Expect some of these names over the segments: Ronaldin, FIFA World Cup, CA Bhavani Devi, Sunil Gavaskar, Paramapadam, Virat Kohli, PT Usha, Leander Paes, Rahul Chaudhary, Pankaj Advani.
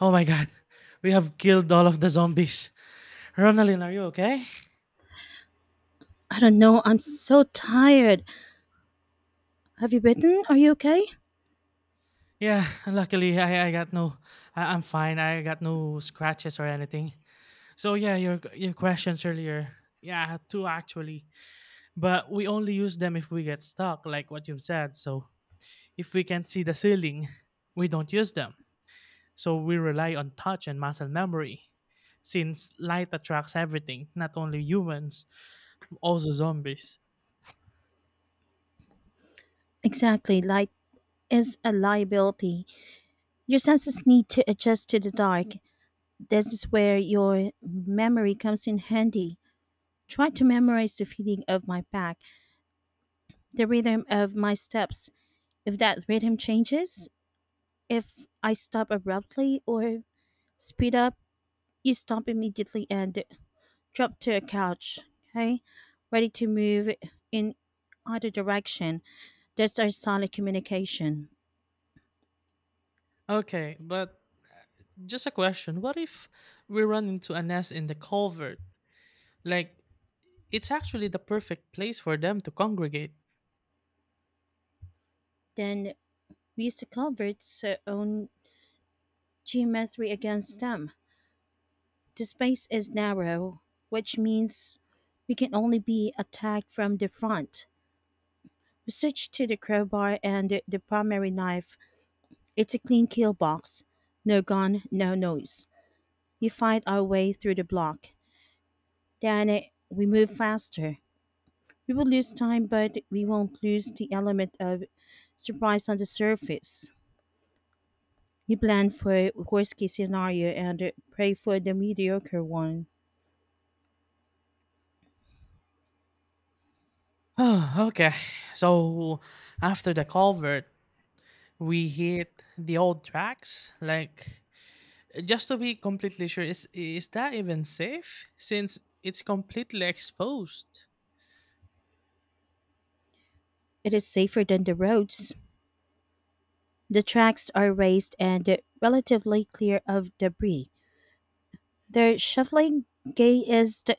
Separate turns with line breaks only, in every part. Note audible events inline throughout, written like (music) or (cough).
Oh my god, we have killed all of the zombies. Ronaldin, are you okay?
I don't know. I'm so tired. Have you bitten? Are you okay?
Yeah, luckily I got no, I'm fine. I got no scratches or anything. Your questions earlier. Yeah, I had two actually, but we only use them if we get stuck, like what you've said. So if we can't see the ceiling, we don't use them. So we rely on touch and muscle memory, since light attracts everything, not only humans, also zombies.
Exactly. Light is a liability. Your senses need to adjust to the dark. This is where your memory comes in handy. Try to memorize the feeling of my back, the rhythm of my steps. If that rhythm changes, if I stop abruptly or speed up, you stop immediately and drop to a couch, okay? Ready to move in either direction. That's our sonic communication.
Okay, but just a question. What if we run into a nest in the culvert? Like, it's actually the perfect place for them to congregate.
Then we use the culvert's own geometry against them. The space is narrow, which means we can only be attacked from the front. We switch to the crowbar and the primary knife. It's a clean kill box. No gun, no noise. We fight our way through the block. Then we move faster. We will lose time, but we won't lose the element of surprise on the surface. You plan for worst case scenario and pray for the mediocre one.
(sighs) Okay. So, after the culvert, we hit the old tracks. Like, just to be completely sure, is that even safe? Since it's completely exposed.
It is safer than the roads. The tracks are raised and relatively clear of debris. Their shuffling gait is, d-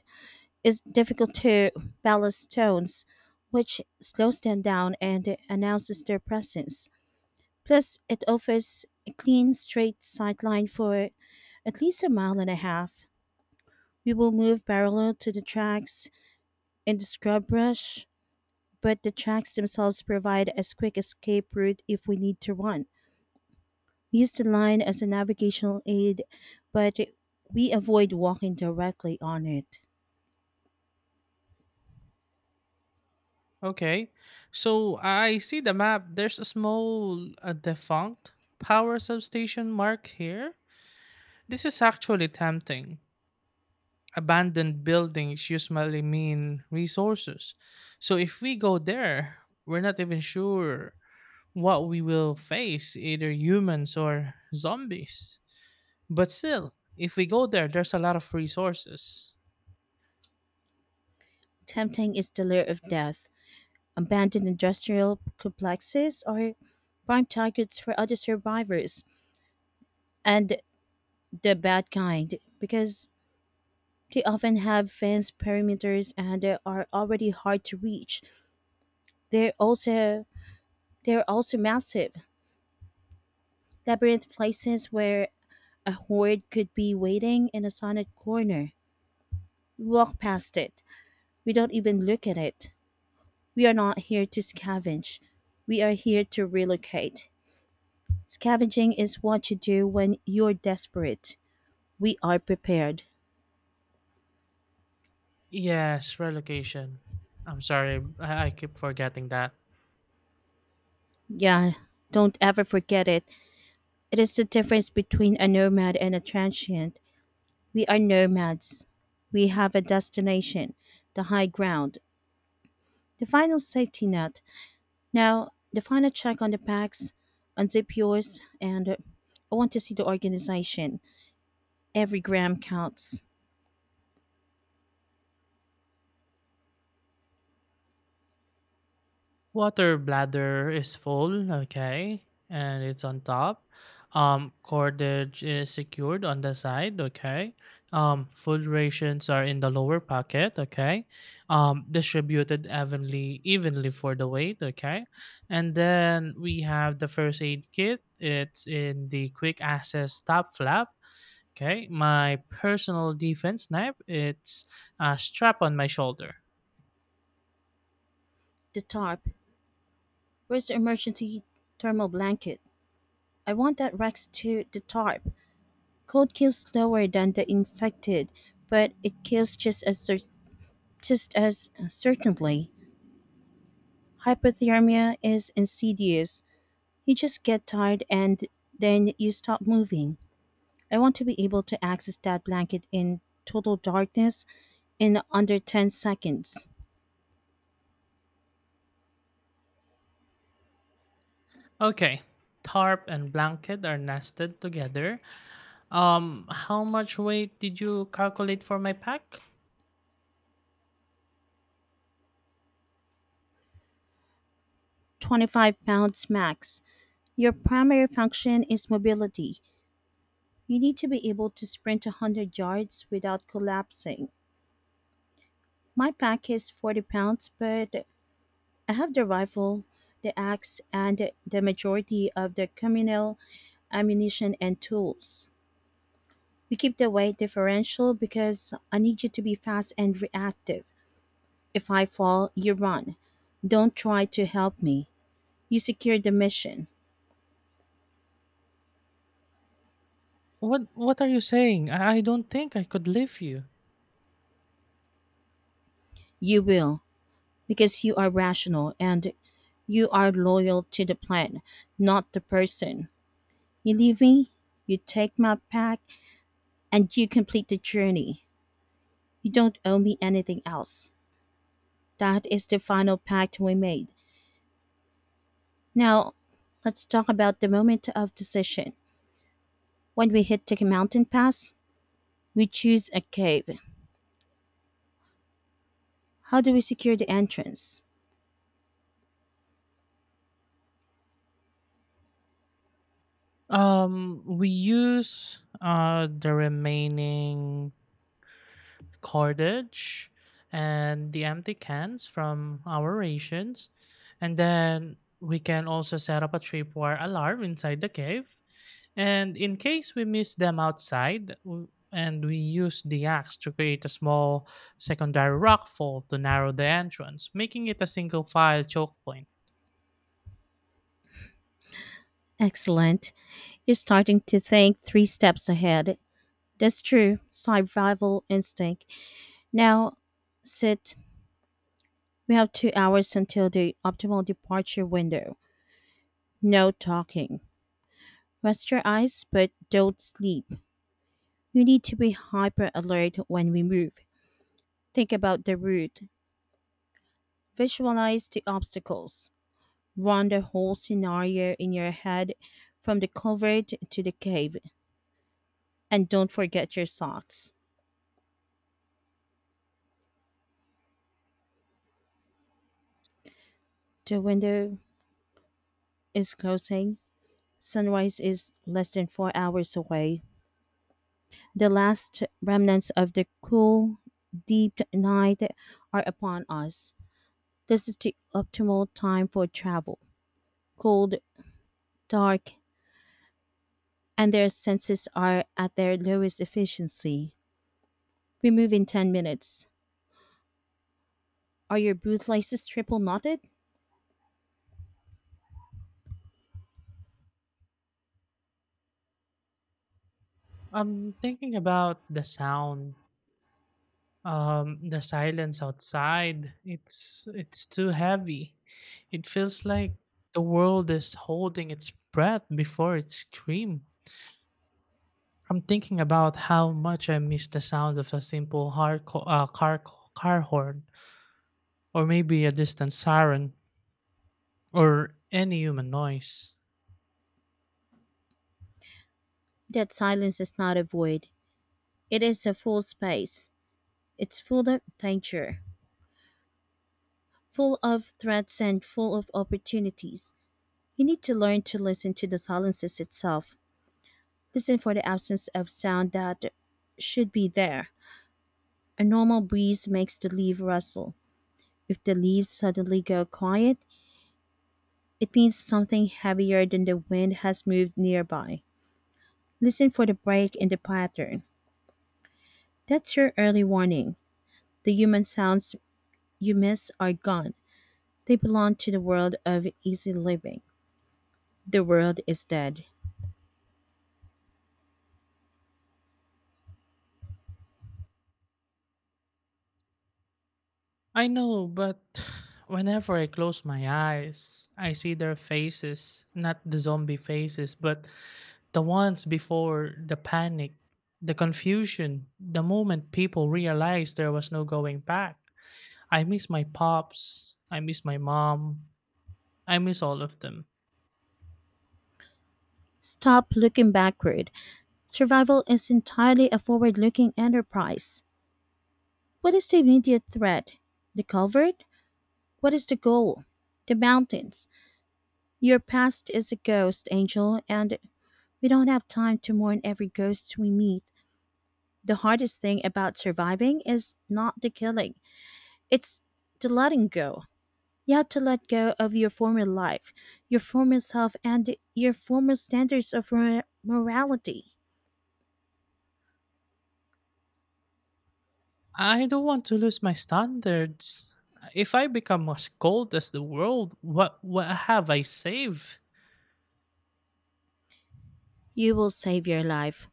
is difficult to ballast stones, which slows them down and announces their presence. Plus, it offers a clean, straight sideline for at least a mile and a half. We will move parallel to the tracks in the scrub brush, but the tracks themselves provide a quick escape route if we need to run. We use the line as a navigational aid, but we avoid walking directly on it.
Okay. So, I see the map. There's a small defunct power substation mark here. This is actually tempting. Abandoned buildings usually mean resources. So if we go there, we're not even sure what we will face, either humans or zombies. But still, if we go there, there's a lot of resources.
Tempting is the lair of death. Abandoned industrial complexes are prime targets for other survivors and the bad kind, because they often have fenced perimeters and they are already hard to reach. They're also they're also massive labyrinth places where a horde could be waiting in a sunlit corner. We walk past it. We don't even look at it. We are not here to scavenge. We are here to relocate. Scavenging is what you do when you're desperate. We are prepared.
Yes, relocation. I'm sorry, I keep forgetting that.
Yeah, don't ever forget it. It is the difference between a nomad and a transient. We are nomads. We have a destination, the high ground, the final safety net. Now, the final check on the packs, unzip yours, and I want to see the organization. Every gram counts.
Water bladder is full, okay, and it's on top. Cordage is secured on the side, okay. Food rations are in the lower pocket, okay. Distributed evenly for the weight, okay. And then we have the first aid kit. It's in the quick access top flap. Okay, my personal defense knife. It's strap on my shoulder.
The tarp. Where's the emergency thermal blanket? I want that Rex to the tarp. Cold kills slower than the infected, but it kills just as certainly. Hypothermia is insidious. You just get tired and then you stop moving. I want to be able to access that blanket in total darkness in under 10 seconds.
Okay. Tarp and blanket are nested together. How much weight did you calculate for my pack?
25 lbs max. Your primary function is mobility. You need to be able to sprint 100 yards without collapsing. My pack is 40 lbs, but I have the rifle, the axe, and the majority of the communal ammunition and tools. We keep the weight differential because I need you to be fast and reactive. If I fall, you run. Don't try to help me. You secure the mission.
What what are you saying? I don't think I could leave you.
You will, because you are rational and you are loyal to the plan, not the person. You leave me, you take my pack, and you complete the journey. You don't owe me anything else. That is the final pact we made. Now, let's talk about the moment of decision. When we hit the mountain pass, we choose a cave. How do we secure the entrance?
We use the remaining cordage and the empty cans from our rations, and then we can also set up a tripwire alarm inside the cave. And in case we miss them outside, and we use the axe to create a small secondary rockfall to narrow the entrance, making it a single file choke point.
Excellent. You're starting to think three steps ahead. That's true survival instinct. Now, sit. We have 2 hours until the optimal departure window. No talking. Rest your eyes, but don't sleep. You need to be hyper alert when we move. Think about the route. Visualize the obstacles. Run the whole scenario in your head from the culvert to the cave. And don't forget your socks. The window is closing. Sunrise is less than 4 hours away. The last remnants of the cool, deep night are upon us. This is the optimal time for travel. Cold, dark, and their senses are at their lowest efficiency. We move in 10 minutes. Are your bootlaces triple knotted?
I'm thinking about the sound, the silence outside. It's too heavy. It feels like the world is holding its breath before it screams. I'm thinking about how much I miss the sound of a simple uh, car car horn, or maybe a distant siren, or any human noise.
That silence is not a void. It is a full space. It's full of danger, full of threats, and full of opportunities. You need to learn to listen to the silences itself. Listen for the absence of sound that should be there. A normal breeze makes the leaf rustle. If the leaves suddenly go quiet, it means something heavier than the wind has moved nearby. Listen for the break in the pattern. That's your early warning. The human sounds you miss are gone. They belong to the world of easy living. The world is dead.
I know, but whenever I close my eyes, I see their faces, not the zombie faces, but the ones before the panic, the confusion, the moment people realized there was no going back. I miss my pops, I miss my mom, I miss all of them.
Stop looking backward. Survival is entirely a forward looking enterprise. What is the immediate threat? The culvert? What is the goal? The mountains. Your past is a ghost, Angel, and we don't have time to mourn every ghost we meet. The hardest thing about surviving is not the killing, it's the letting go. You have to let go of your former life, your former self, and your former standards of morality.
I don't want to lose my standards. If I become as cold as the world, what have I saved?
You will save your life,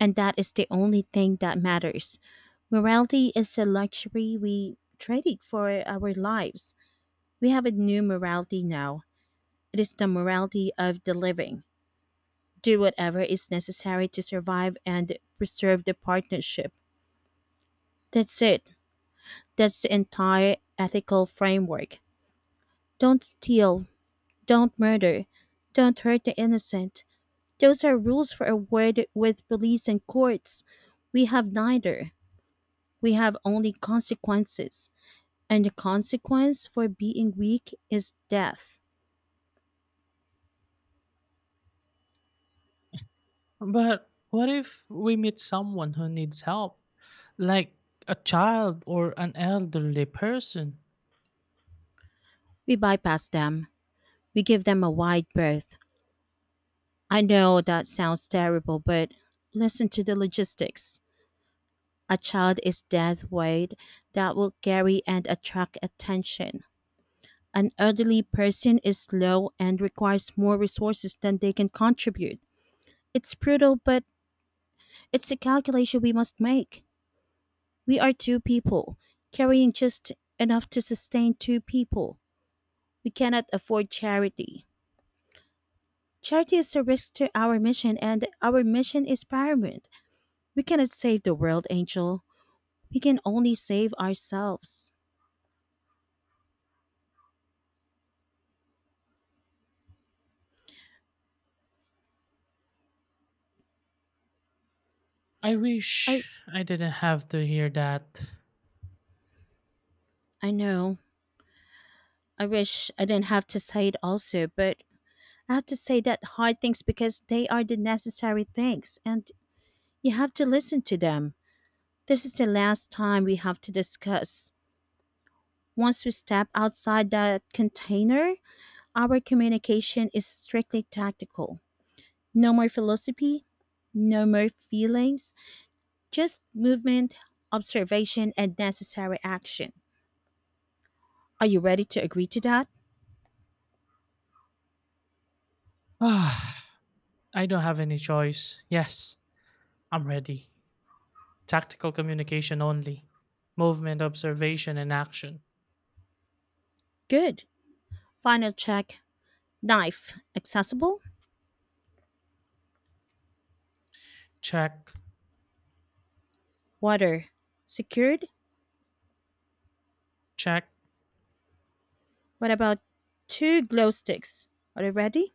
and that is the only thing that matters. Morality is a luxury we traded for our lives. We have a new morality now. It is the morality of the living. Do whatever is necessary to survive and preserve the partnership. That's it. That's the entire ethical framework. Don't steal, don't murder. Don't hurt the innocent. Those are rules for a word with police and courts. We have neither. We have only consequences. And the consequence for being weak is death.
But what if we meet someone who needs help, like a child or an elderly person?
We bypass them. We give them a wide berth. I know that sounds terrible, but listen to the logistics. A child is death weight that will carry and attract attention. An elderly person is slow and requires more resources than they can contribute. It's brutal, but it's a calculation we must make. We are two people, carrying just enough to sustain two people. We cannot afford charity. Charity is a risk to our mission, and our mission is paramount. We cannot save the world, Angel. We can only save ourselves.
I
I
wish I didn't have to hear that. (sighs)
I know. I wish I didn't have to say it also, but I have to say that hard things because they are the necessary things and you have to listen to them. This is the last time we have to discuss. Once we step outside that container, our communication is strictly tactical. No more philosophy, no more feelings, just movement, observation, and necessary action. Are you ready to agree to that?
Ah, I don't have any choice. Yes, I'm ready. Tactical communication only. Movement, observation, and action.
Good. Final check: knife, accessible,
Check,
water, secured.
check,
What about two glow sticks? Are they ready?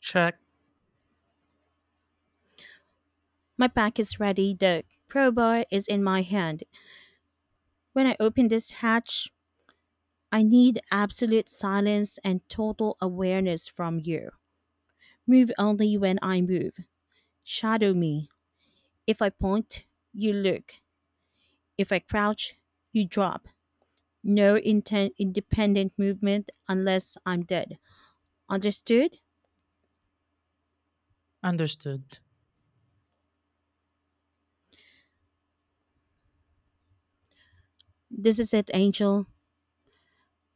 check.
My pack is ready. The crowbar is in my hand. When I open this hatch, I need absolute silence and total awareness from you. Move only when I move. Shadow me. If I point, you look. If I crouch, you drop. No independent movement unless I'm dead. Understood?
Understood.
This is it, Angel.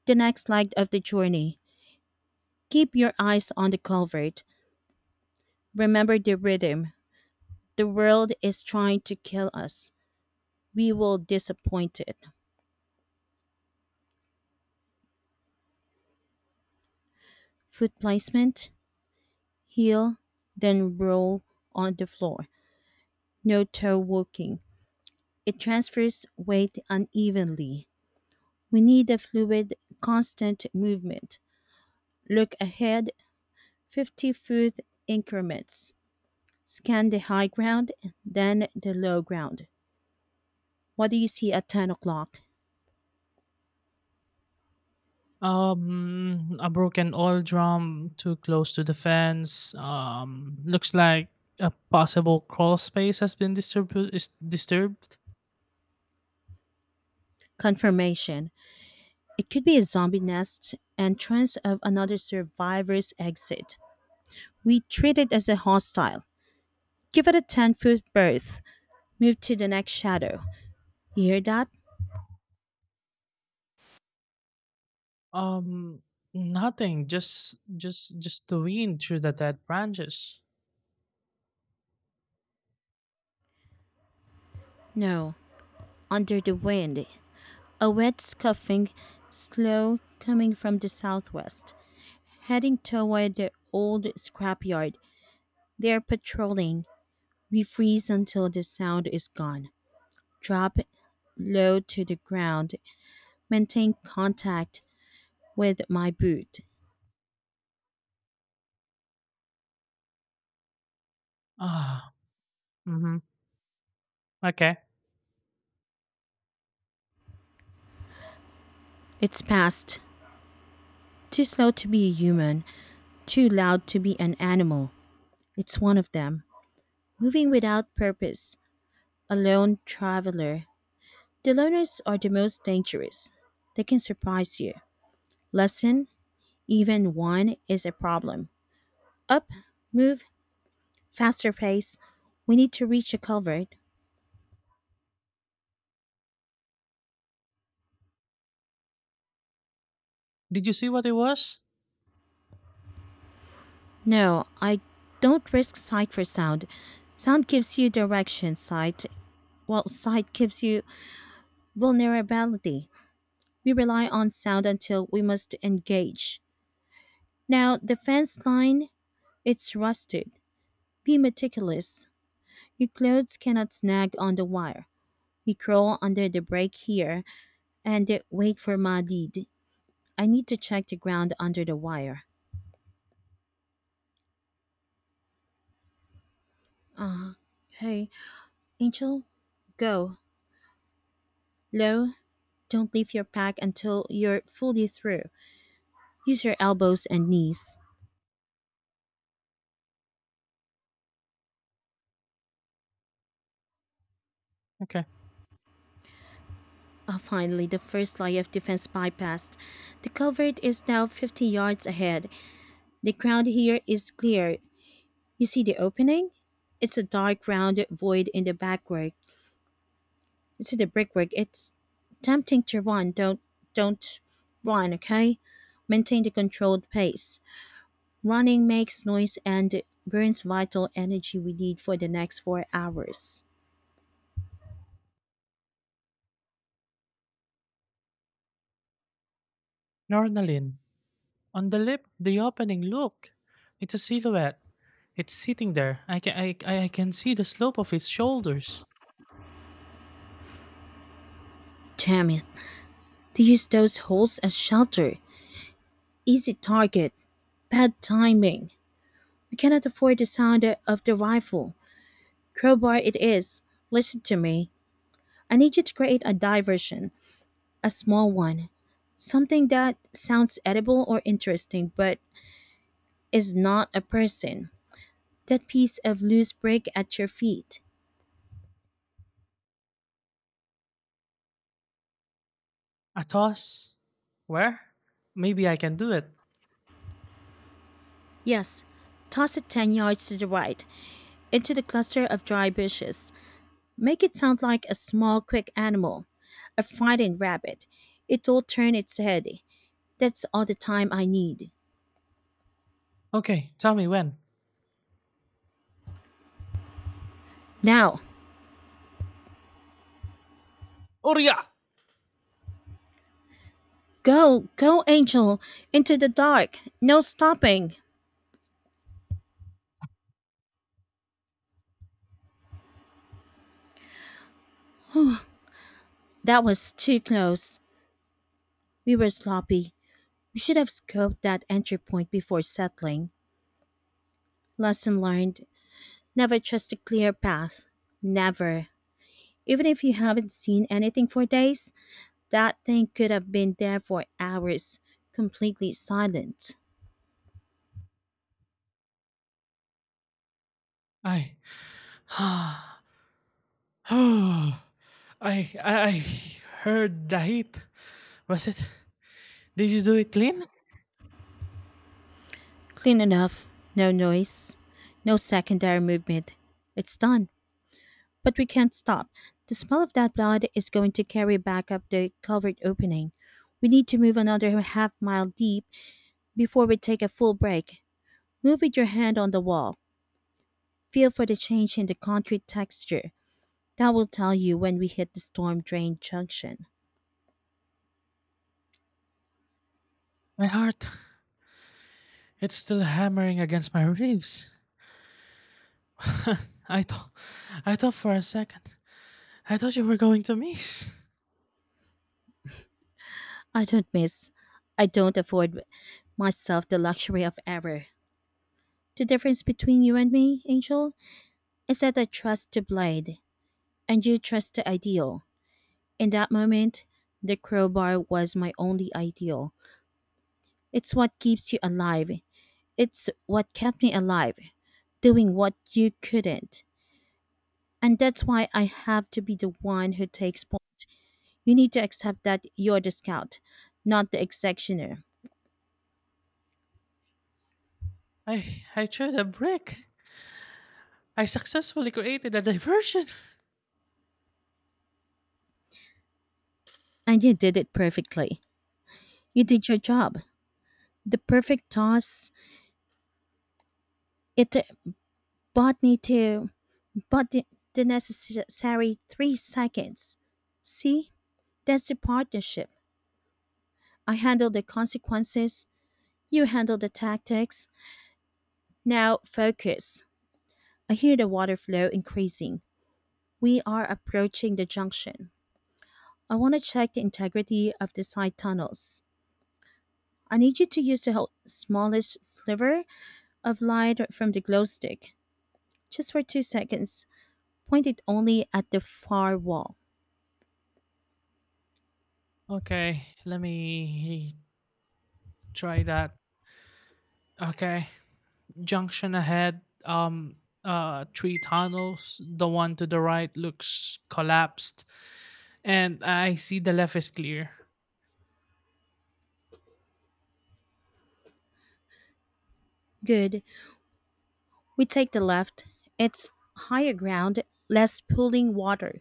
The next leg of the journey. Keep your eyes on the culvert. Remember the rhythm. The world is trying to kill us. We will disappoint it. Foot placement, heel, then roll on the floor. No toe walking. It transfers weight unevenly. We need a fluid, constant movement. Look ahead, 50-foot increments. Scan the high ground, then the low ground. What do you see at 10 o'clock?
A broken oil drum too close to the fence. Looks like a possible crawl space has been disturbed. Is disturbed.
Confirmation. It could be a zombie nest, entrance of another survivor's exit. We treat it as a hostile. Give it a 10-foot berth. Move to the next shadow. You hear that?
Um, nothing. Just the wind through the dead branches.
No. Under the wind. A wet scuffing, slow, coming from the southwest, heading toward the old scrapyard. They're patrolling. We freeze until the sound is gone. Drop low to the ground. Maintain contact with my boot.
Ah. Mm-hmm. Okay.
It's past. Too slow to be a human, too loud to be an animal. It's one of them. Moving without purpose, a lone traveler. The loners are the most dangerous. They can surprise you. Lesson, even one, is a problem. Up, move, faster pace. We need to reach a culvert.
Did you see what it was?
No, I don't risk sight for sound. Sound gives you direction, sight, while sight gives you vulnerability. We rely on sound until we must engage. Now, the fence line, it's rusted. Be meticulous. Your clothes cannot snag on the wire. We crawl under the break here and wait for my lead. I need to check the ground under the wire. Uh, Hey, Angel, go. Low, don't leave your pack until you're fully through. Use your elbows and knees.
Okay.
Ah, finally, the first line of defense bypassed. The culvert is now 50 yards ahead. The ground here is clear. You see the opening? It's a dark, round void in the backwork. You see the brickwork. It's tempting to run. Don't run, okay? Maintain the controlled pace. Running makes noise and burns vital energy we need for the next 4 hours.
Nornalin. On the lip, the opening. Look, it's a silhouette. It's sitting there. I can, I I can see the slope of its shoulders.
Damn it. They use those holes as shelter. Easy target. Bad timing. We cannot afford the sound of the rifle. Crowbar it is. Listen to me. I need you to create a diversion, a small one. Something that sounds edible or interesting but is not a person. That piece of loose brick at your feet.
Athos? Where? Maybe I can do it.
Yes, toss it 10 yards to the right, into the cluster of dry bushes. Make it sound like a small, quick animal, a frightened rabbit. It will turn its head. That's all the time I need.
Okay, tell me when.
Now!
Oria!
Go, go, Angel! Into the dark! No stopping! That was too close. We were sloppy. We should have scoped that entry point before settling. Lesson learned, never trust a clear path. Never. Even if you haven't seen anything for days, that thing could have been there for hours, completely silent.
I. (sighs) I. I heard the heat. Was it? Did you do it clean?
Clean enough, no noise, no secondary movement. It's done. But we can't stop. The smell of that blood is going to carry back up the covered opening. We need to move another half mile deep before we take a full break. Move with your hand on the wall. Feel for the change in the concrete texture. That will tell you when we hit the storm drain junction.
My heart. It's still hammering against my ribs. (laughs) I thought. I thought for a second. I thought you were going to miss.
I don't miss. I don't afford myself the luxury of error. The difference between you and me, Angel, is that I trust the blade, and you trust the ideal. In that moment, the crowbar was my only ideal. It's what keeps you alive. It's what kept me alive, doing what you couldn't. And that's why I have to be the one who takes point. You need to accept that you're the scout, not the executioner.
I threw a brick. I successfully created a diversion.
And you did it perfectly. You did your job. The perfect toss, it bought me to, bought the necessary three seconds. See? That's the partnership. I handle the consequences, you handle the tactics. Now focus. I hear the water flow increasing. We are approaching the junction. I want to check the integrity of the side tunnels. I need you to use the smallest sliver of light from the glow stick, just for two seconds. Point it only at the far wall.
Okay, let me try that. Okay. Junction ahead. Three tunnels, the one to the right looks collapsed, and I see the left is clear.
Good. We take the left. It's higher ground, less pooling water,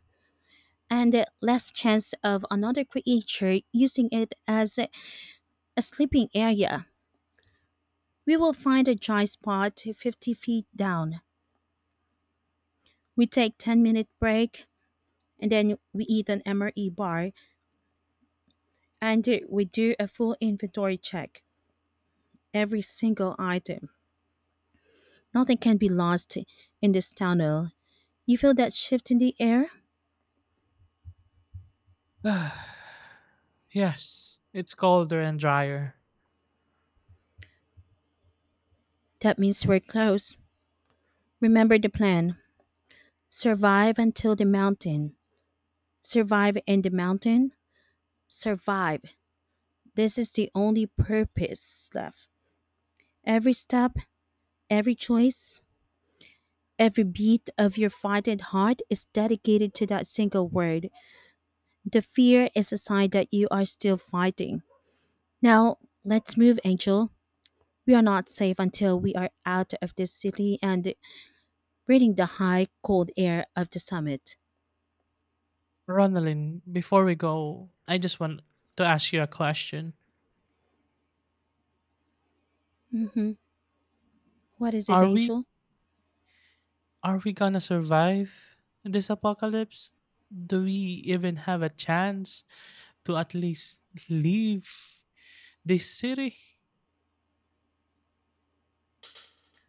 and less chance of another creature using it as a sleeping area. We will find a dry spot 50 feet down. We take 10-minute break and then we eat an MRE bar and we do a full inventory check. Every single item. Nothing can be lost in this tunnel. You feel that shift in the air?
(sighs) Yes, it's colder and drier.
That means we're close. Remember the plan. Survive until the mountain. Survive in the mountain. Survive. This is the only purpose left. Every step, every choice, every beat of your fighting heart is dedicated to that single word. The fear is a sign that you are still fighting. Now, let's move, Angel. We are not safe until we are out of this city and breathing the high, cold air of the summit.
Ronalyn, before we go, I just want to ask you a question.
Mm-hmm. What is it,
are we
Angel?
are we gonna survive this apocalypse? Do we even have a chance to at least leave this city?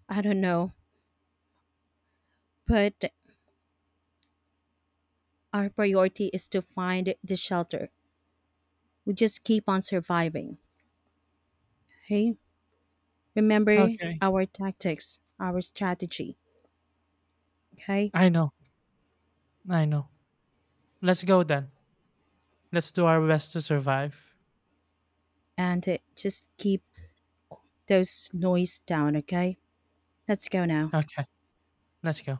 I don't know, but our priority is to find the shelter. We just keep on surviving. Hey, remember
Okay.
our tactics, our strategy, okay?
I know i know Let's go then. Let's do our best to survive.
And Just keep those noise down, okay? Let's go now.
Okay, let's go.